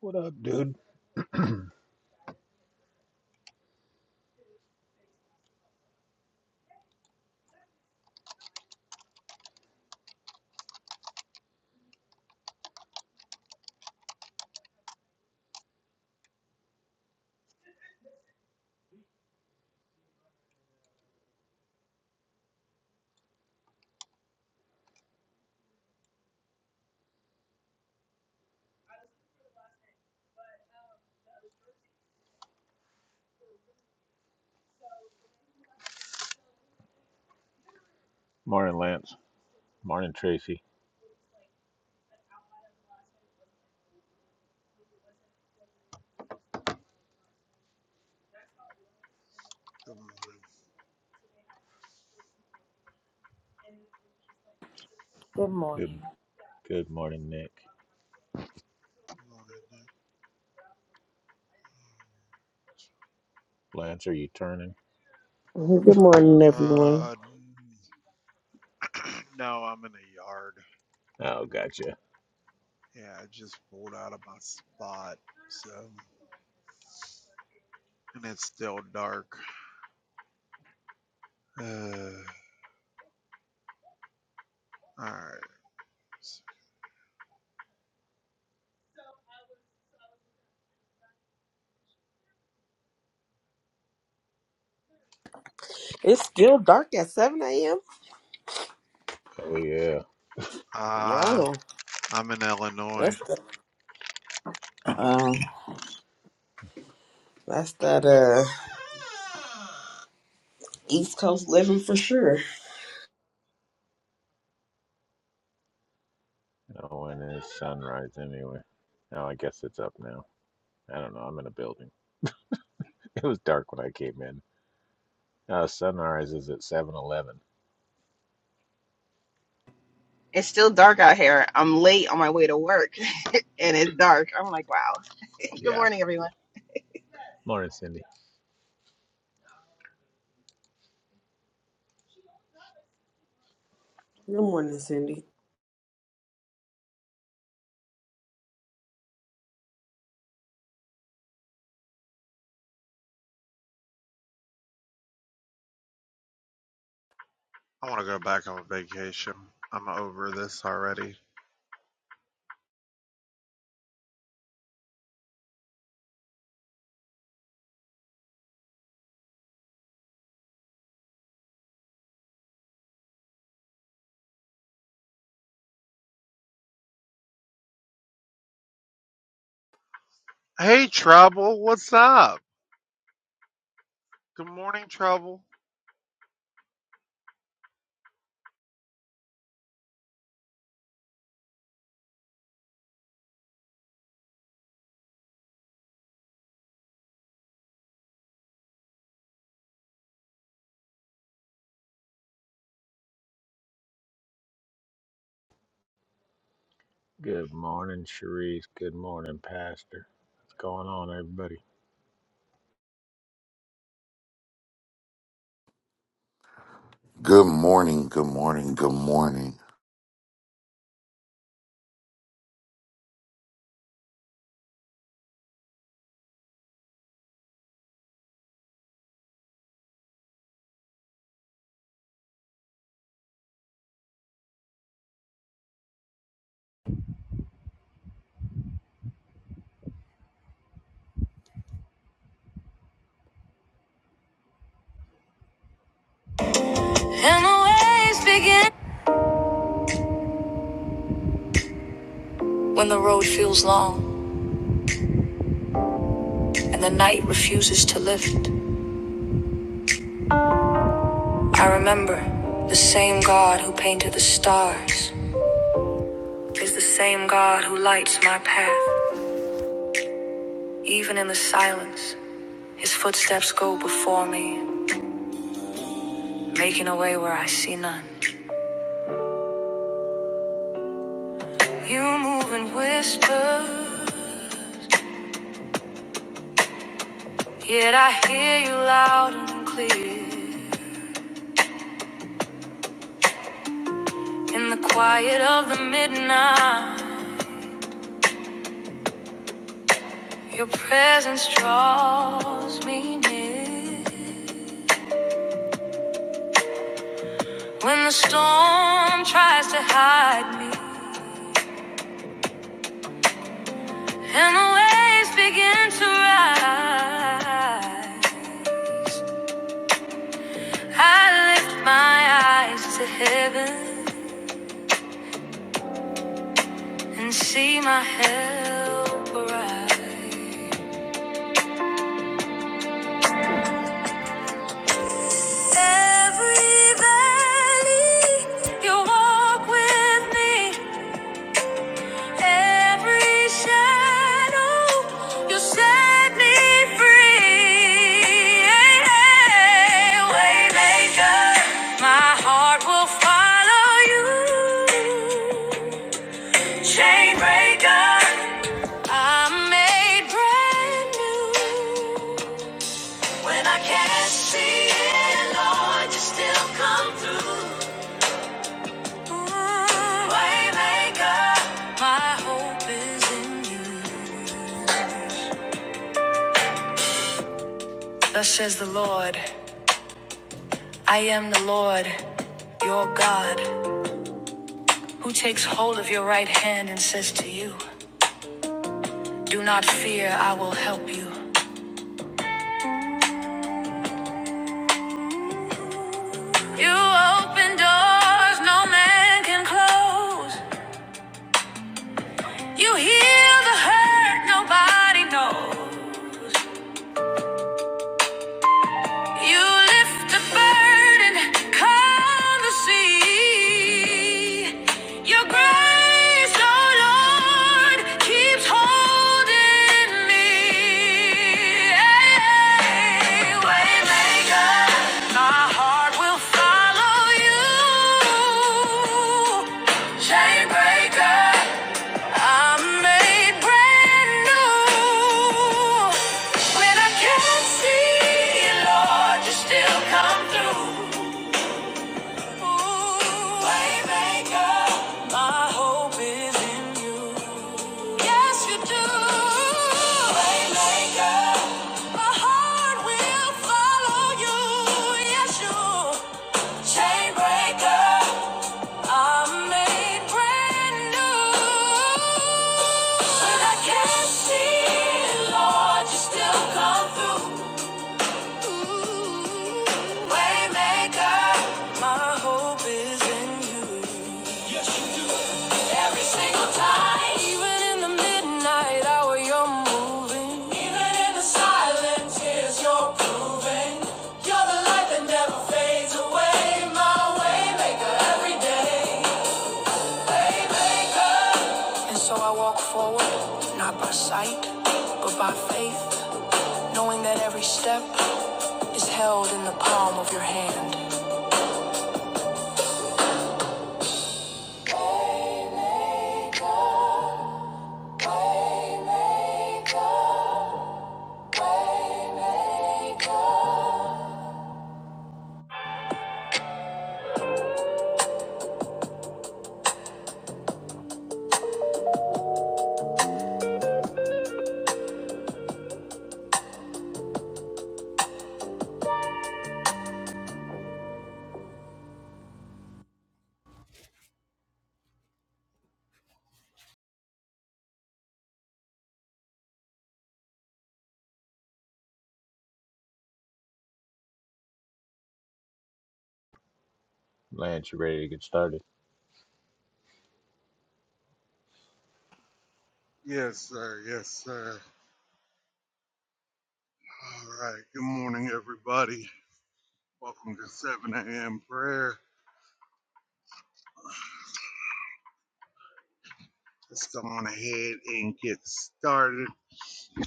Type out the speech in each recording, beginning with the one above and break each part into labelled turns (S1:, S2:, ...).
S1: What up, dude? Morning, Lance. Morning, Tracy.
S2: Good morning.
S1: Good, good morning, Nick.
S2: Good morning. Nick.
S1: Lance, are you turning?
S3: Good morning, everyone.
S2: Uh, no, I'm in a yard.
S1: Oh, gotcha.
S2: Yeah, I just pulled out of my spot. So, and it's still dark. Uh, all right.
S3: It's still dark at 7 a.m.
S1: Oh yeah.
S2: Uh,
S3: Wow,
S2: I'm in Illinois.
S3: that's the, um, that's that uh East Coast living for sure.
S1: Oh, when is sunrise anyway? Oh, I guess it's up now. I don't know. I'm in a building. It was dark when I came in. Uh, sunrise is at 7:11.
S4: It's still dark out here. I'm late on my way to work and it's dark. I'm like, wow. Good
S1: Yeah.
S4: morning, everyone.
S1: Morning, Cindy.
S3: Good morning, Cindy.
S2: I want to go back on vacation. I'm over this already. Hey, Trouble, what's up? Good morning, Trouble.
S1: Good morning, Cherise. Good morning, Pastor. What's going on, everybody?
S5: Good morning, good morning, good morning.
S6: And the waves begin when the road feels long and the night refuses to lift. I remember the same God who painted the stars is the same God who lights my path. Even in the silence, his footsteps go before me, making a way where I see none. You move in whispers, yet I hear you loud and clear in the quiet of the midnight. Your presence draws me near. When the storm tries to hide me and the waves begin to rise, I lift my eyes to heaven and see my help arise. Every valley, you walk with me. Every shadow, you set me free. Waymaker, my heart will follow you. Chainbreaker, I'm made brand new. When I can't see it, Lord, you still come through. Mm-hmm. Waymaker, my hope is in you. Thus says the Lord, I am the Lord, your God, who takes hold of your right hand and says to you, Do not fear, I will help you. You open doors no man can close. You heal the hurt nobody knows. You lift the burden, calm the sea. Your grace, oh Lord, keeps holding me. Hey, Waymaker, my heart will follow you. Chain breaker. I'm made brand new. When I can't see, Lord, you still come through. Waymaker, my hope is in you. Yes, you do. Waymaker, my heart will follow you. Yes, you. Chain breaker. I'm made brand new. When I can't see Lord, you still come through. Waymaker, my hope is in you. Every single time. Even in the midnight hour, you're moving. Even in the silence, is your proving. You're the light that never fades away. My waymaker. every day. And so I walk forward, not by sight, but by faith, knowing that every step is held in the palm of your hand.
S1: Lance, you ready to get started?
S2: Yes, sir. Yes, sir. All right. Good morning, everybody. Welcome to 7 a.m. prayer. Let's go on ahead and get started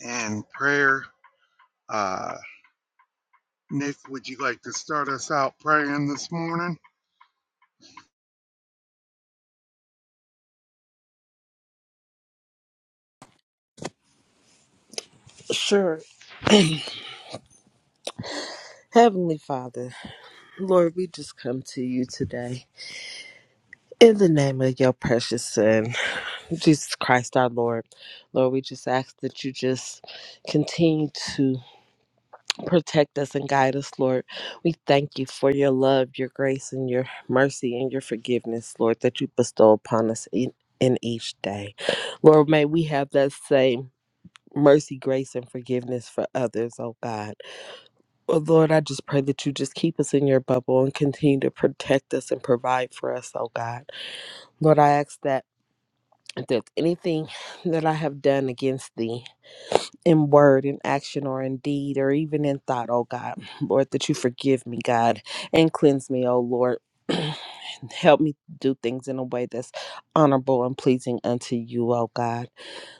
S2: in prayer. Uh, Nick, would you like to start us out praying this morning?
S3: Sure, Heavenly Father, Lord, we just come to you today in the name of your precious Son, Jesus Christ, our Lord. Lord, we just ask that you just continue to. Protect us and guide us, Lord. We thank you for your love, your grace, and your mercy and your forgiveness, Lord, that you bestow upon us in, in each day. Lord, may we have that same mercy, grace, and forgiveness for others, oh God. Oh Lord, I just pray that you just keep us in your bubble and continue to protect us and provide for us, oh God. Lord, I ask that if there's anything that I have done against thee, in word, in action, or in deed, or even in thought, oh God. Lord, that you forgive me, God, and cleanse me, oh Lord. Help me do things in a way that's honorable and pleasing unto you, oh God.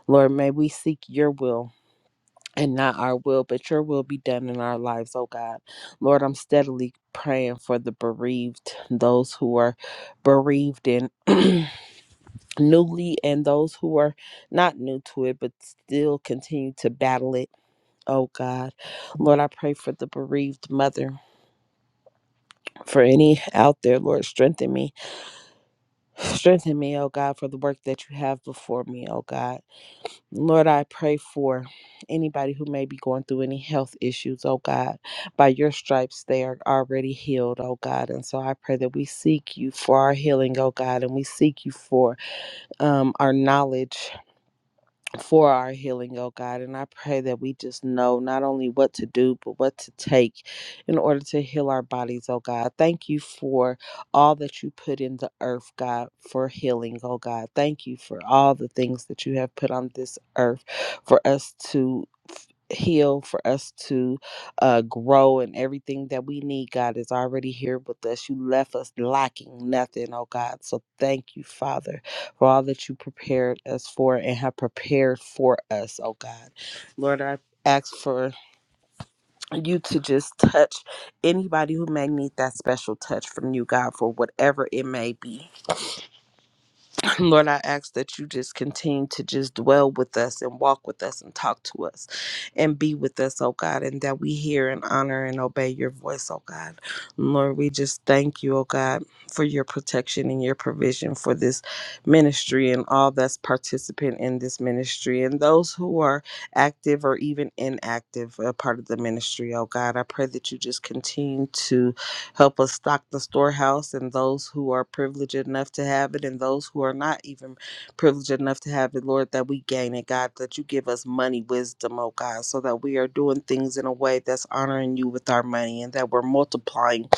S3: Lord, may we seek your will and not our will, but your will be done in our lives, oh God. Lord, I'm steadily praying for the bereaved, those who are bereaved and newly, and those who are not new to it, but still continue to battle it oh God. Lord, I pray for the bereaved mother, for any out there, Lord, strengthen me. Strengthen me, oh God, for the work that you have before me, oh God. Lord, I pray for anybody who may be going through any health issues, oh God. By your stripes, they are already healed, oh God. And so I pray that we seek you for our healing, oh God, and we seek you for um, our knowledge for our healing, oh God. And I pray that we just know not only what to do, but what to take in order to heal our bodies, oh God. Thank you for all that you put in the earth, God, for healing, oh God. Thank you for all the things that you have put on this earth for us to f- heal for us to uh grow and everything that we need god is already here with us you left us lacking nothing oh god so thank you father for all that you prepared us for and have prepared for us, oh God. Lord, I ask for you to just touch anybody who may need that special touch from you, God, for whatever it may be. Lord, I ask that you just continue to just dwell with us and walk with us and talk to us and be with us, oh God, and that we hear and honor and obey your voice, oh God. Lord, we just thank you, oh God, for your protection and your provision for this ministry and all that's participant in this ministry and those who are active or even inactive uh, part of the ministry. Oh God, I pray that you just continue to help us stock the storehouse and those who are privileged enough to have it and those who are not even privileged enough to have it, Lord, that we gain it, God, that you give us money wisdom, oh God, so that we are doing things in a way that's honoring you with our money and that we're multiplying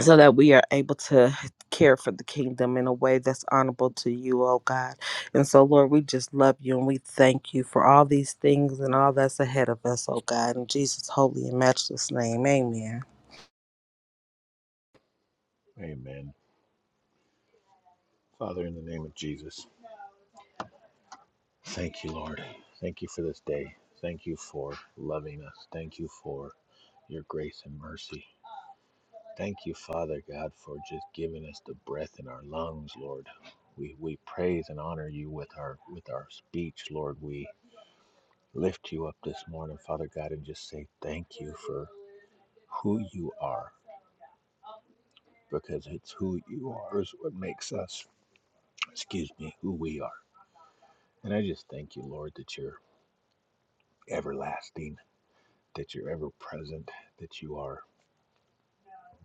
S3: so that we are able to care for the kingdom in a way that's honorable to you, oh God. And so, Lord, we just love you and we thank you for all these things and all that's ahead of us, oh God. In Jesus' holy and matchless name, amen.
S1: Amen. Father, in the name of Jesus. Thank you, Lord. Thank you for this day. Thank you for loving us. Thank you for your grace and mercy. Thank you, Father God, for just giving us the breath in our lungs, Lord. We, we praise and honor you with our with our speech, Lord. We lift you up this morning, Father God, and just say thank you for who you are, because it's who you are is what makes us, excuse me, who we are. And I just thank you, Lord, that you're everlasting, that you're ever present, that you are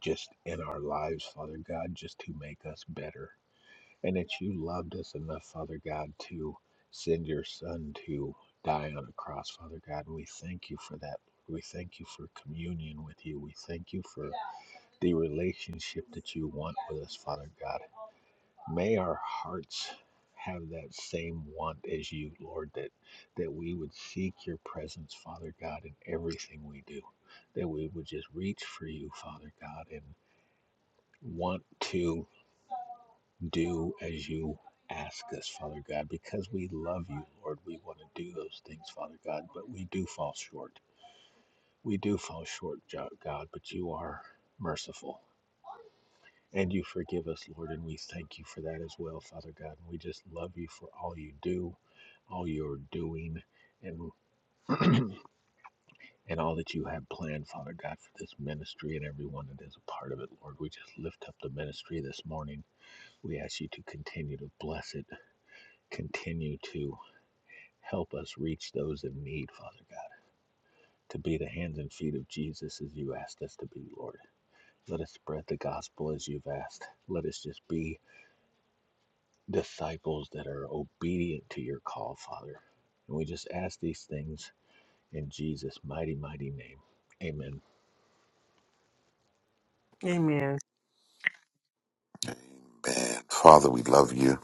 S1: just in our lives, Father God, just to make us better. And that you loved us enough, Father God, to send your Son to die on a cross, Father God. And we thank you for that. We thank you for communion with you. We thank you for the relationship that you want with us, Father God. May our hearts have that same want as you, Lord, that, that we would seek your presence, Father God, in everything we do, that we would just reach for you, Father God, and want to do as you ask us, Father God, because we love you, Lord. We want to do those things, Father God, but we do fall short. We do fall short, God, but you are merciful and you forgive us, Lord, and we thank you for that as well, Father God. And we just love you for all you do, all you're doing, and and all that you have planned, Father God, for this ministry and everyone that is a part of it, Lord. We just lift up the ministry this morning. We ask you to continue to bless it Continue to help us reach those in need, Father God, to be the hands and feet of Jesus as you asked us to be, Lord. Let us spread the gospel as you've asked. Let us just be disciples that are obedient to your call, Father. And we just ask these things in Jesus' mighty, mighty name. Amen.
S3: Amen.
S5: Amen. Father, we love you.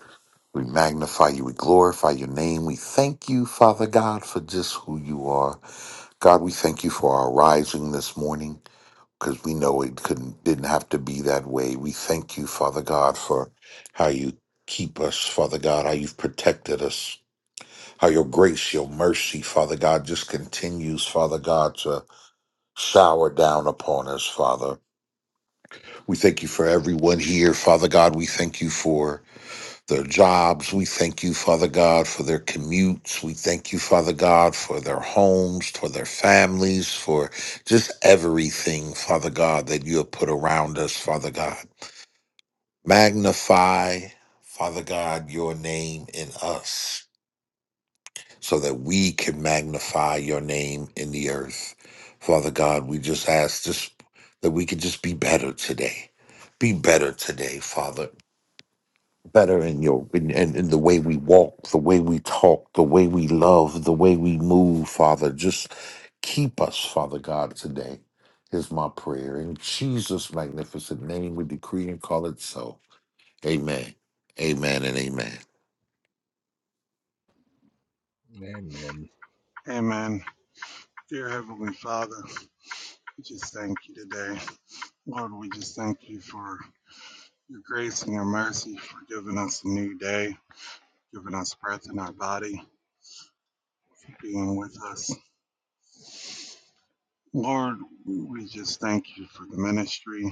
S5: We magnify you. We glorify your name. We thank you, Father God, for just who you are. God, we thank you for our rising this morning because we know it couldn't didn't have to be that way. We thank you, Father God, for how you keep us, Father God, how you've protected us, how your grace, your mercy, Father God, just continues, Father God, to shower down upon us, Father. We thank you for everyone here, Father God. We thank you for their jobs. We thank you, Father God, for their commutes. We thank you, Father God, for their homes, for their families, for just everything, Father God, that you have put around us, Father God. Magnify, Father God, your name in us so that we can magnify your name in the earth. Father God, we just ask just that we could just be better today. Be better today, Father better in your in, in, in the way we walk, the way we talk, the way we love, the way we move, Father. Just keep us, Father God, today is my prayer. In Jesus' magnificent name, we decree and call it so. Amen. Amen and amen.
S1: Amen.
S2: Amen. Dear Heavenly Father, we just thank you today. Lord, we just thank you for your grace and your mercy for giving us a new day, giving us breath in our body, being with us. Lord, we just thank you for the ministry.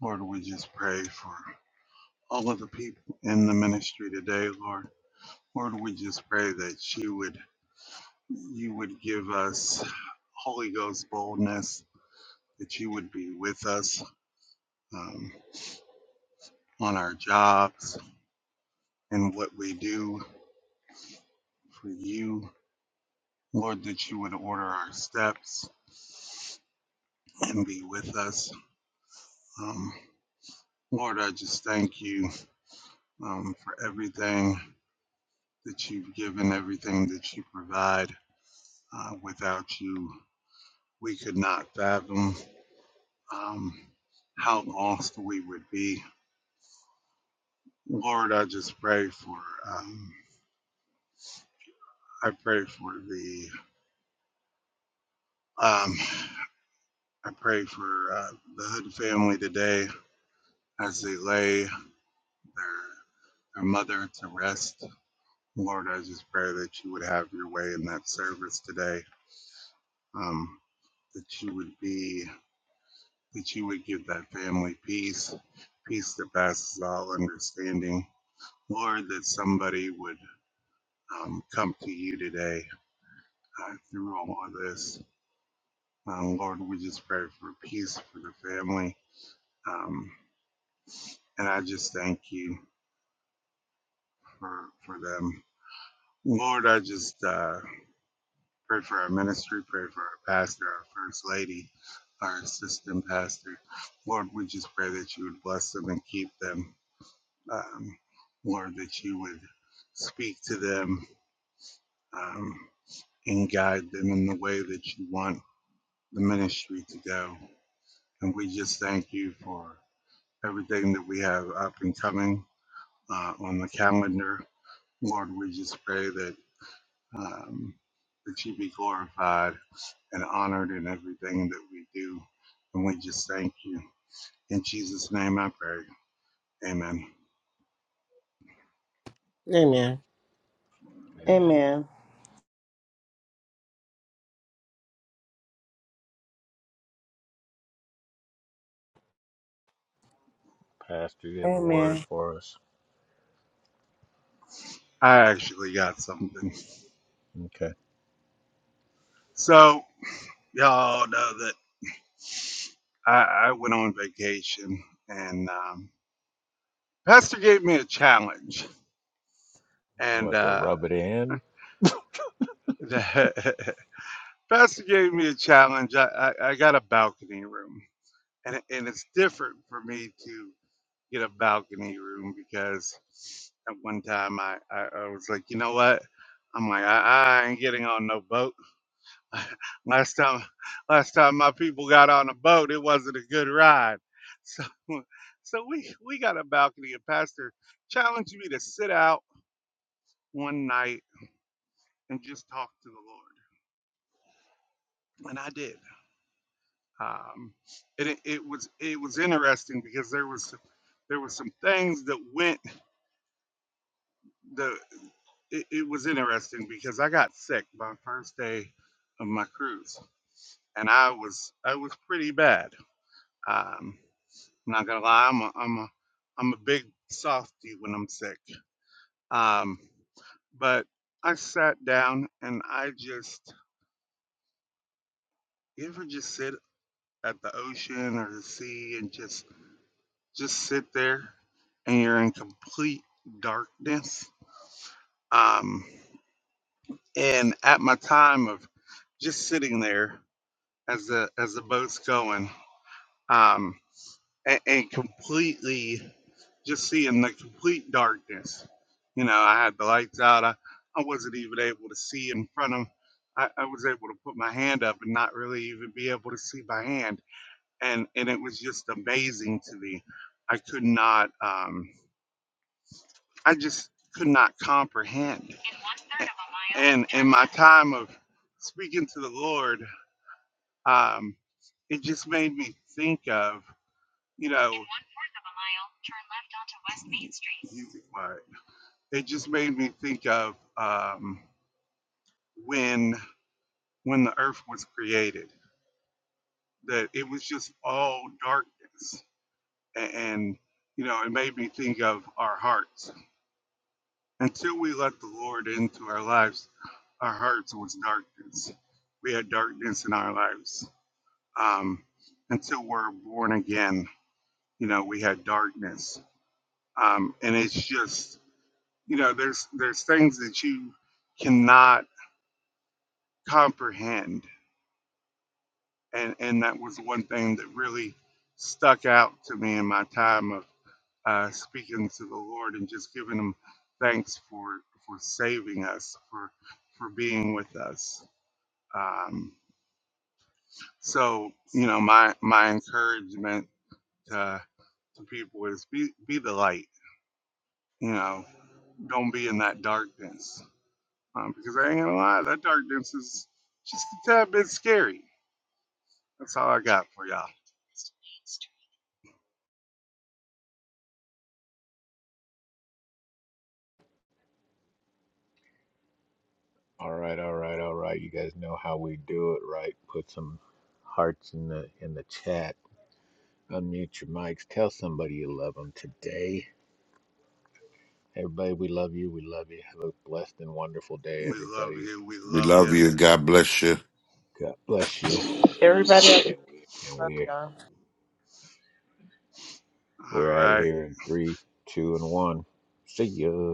S2: Lord, we just pray for all of the people in the ministry today, Lord. Lord, we just pray that you would you would give us Holy Ghost boldness, that you would be with us um, on our jobs and what we do for you, Lord. That you would order our steps and be with us, um, Lord. I just thank you um, for everything that you've given, everything that you provide. Uh, without you, we could not fathom um, how lost we would be. Lord, I just pray for, um, I pray for the, um, I pray for uh, the Hood family today as they lay their, their mother to rest. Lord, I just pray that you would have your way in that service today, um, that you would be, that you would give that family peace, peace that passes all understanding. Lord, that somebody would um, come to you today uh, through all of this. Um, Lord, we just pray for peace for the family. Um, and I just thank you for, for them. Lord, I just uh, pray for our ministry, pray for our pastor, our first lady, our assistant pastor. Lord, we just pray that you would bless them and keep them. Um, Lord, that you would speak to them um, and guide them in the way that you want the ministry to go. And we just thank you for everything that we have up and coming uh, on the calendar. Lord, we just pray that um, that you be glorified and honored in everything that we do. And we just thank you. In Jesus' name I pray. Amen.
S3: Amen.
S1: Amen.
S3: Amen.
S1: Pastor, you have a word
S3: Amen.
S1: for us?
S2: I actually got something.
S1: Okay.
S2: So, y'all know that I, I went on vacation and um, Pastor gave me a challenge.
S1: We'll
S2: And
S1: have to
S2: uh,
S1: rub it in
S2: Pastor gave me a challenge. I, I, I got a balcony room, and it- and it's different for me to get a balcony room because at one time I, I, I was like, you know what? I'm like, I, I ain't getting on no boat. last time, last time my people got on a boat, it wasn't a good ride. So, so we we got a balcony, and Pastor challenged me to sit out one night and just talk to the Lord, and I did. Um, it, it was it was interesting because there was there was some things that went the it, it was interesting because I got sick my first day of my cruise, and I was I was pretty bad. Um, I'm not gonna lie, I'm a, I'm a I'm a big softy when I'm sick. Um, but I sat down and I just you ever just sit at the ocean or the sea and just Just sit there and you're in complete darkness. Um, and at my time of just sitting there as the as the boat's going, um, and, and completely just seeing the complete darkness. You know, I had the lights out. I, I wasn't even able to see in front of. I, I was able to put my hand up and not really even be able to see my hand, and and it was just amazing to me. I could not. Um, I just could not comprehend. And in my time of speaking to the Lord, um, it just made me think of, you know, music Right. It just made me think of um, when when the earth was created, that it was just all darkness, and, and you know, it made me think of our hearts until we let the Lord into our lives our hearts was darkness. We had darkness in our lives. Um, until we're born again, you know, we had darkness. Um, and it's just, you know, there's there's things that you cannot comprehend. And and that was one thing that really stuck out to me in my time of uh, speaking to the Lord and just giving him thanks for for saving us, for for being with us. Um, So, you know, my my encouragement to, to people is be be the light. You know, don't be in that darkness. Um, because I ain't gonna lie, that darkness is just a tad bit scary. That's all I got for y'all.
S1: All right, all right, all right. You guys know how we do it, right? Put some hearts in the in the chat. Unmute your mics. Tell somebody you love them today. Everybody, we love you. We love you. Have a blessed and wonderful day,
S2: We love
S1: everybody.
S2: you. We
S5: We
S2: love
S5: love
S2: you.
S5: you. God bless you.
S1: God bless you.
S3: Everybody, have a
S1: And we're
S3: y'all.
S2: All
S1: we're out of
S2: right.
S1: here in three, two, and one. See ya.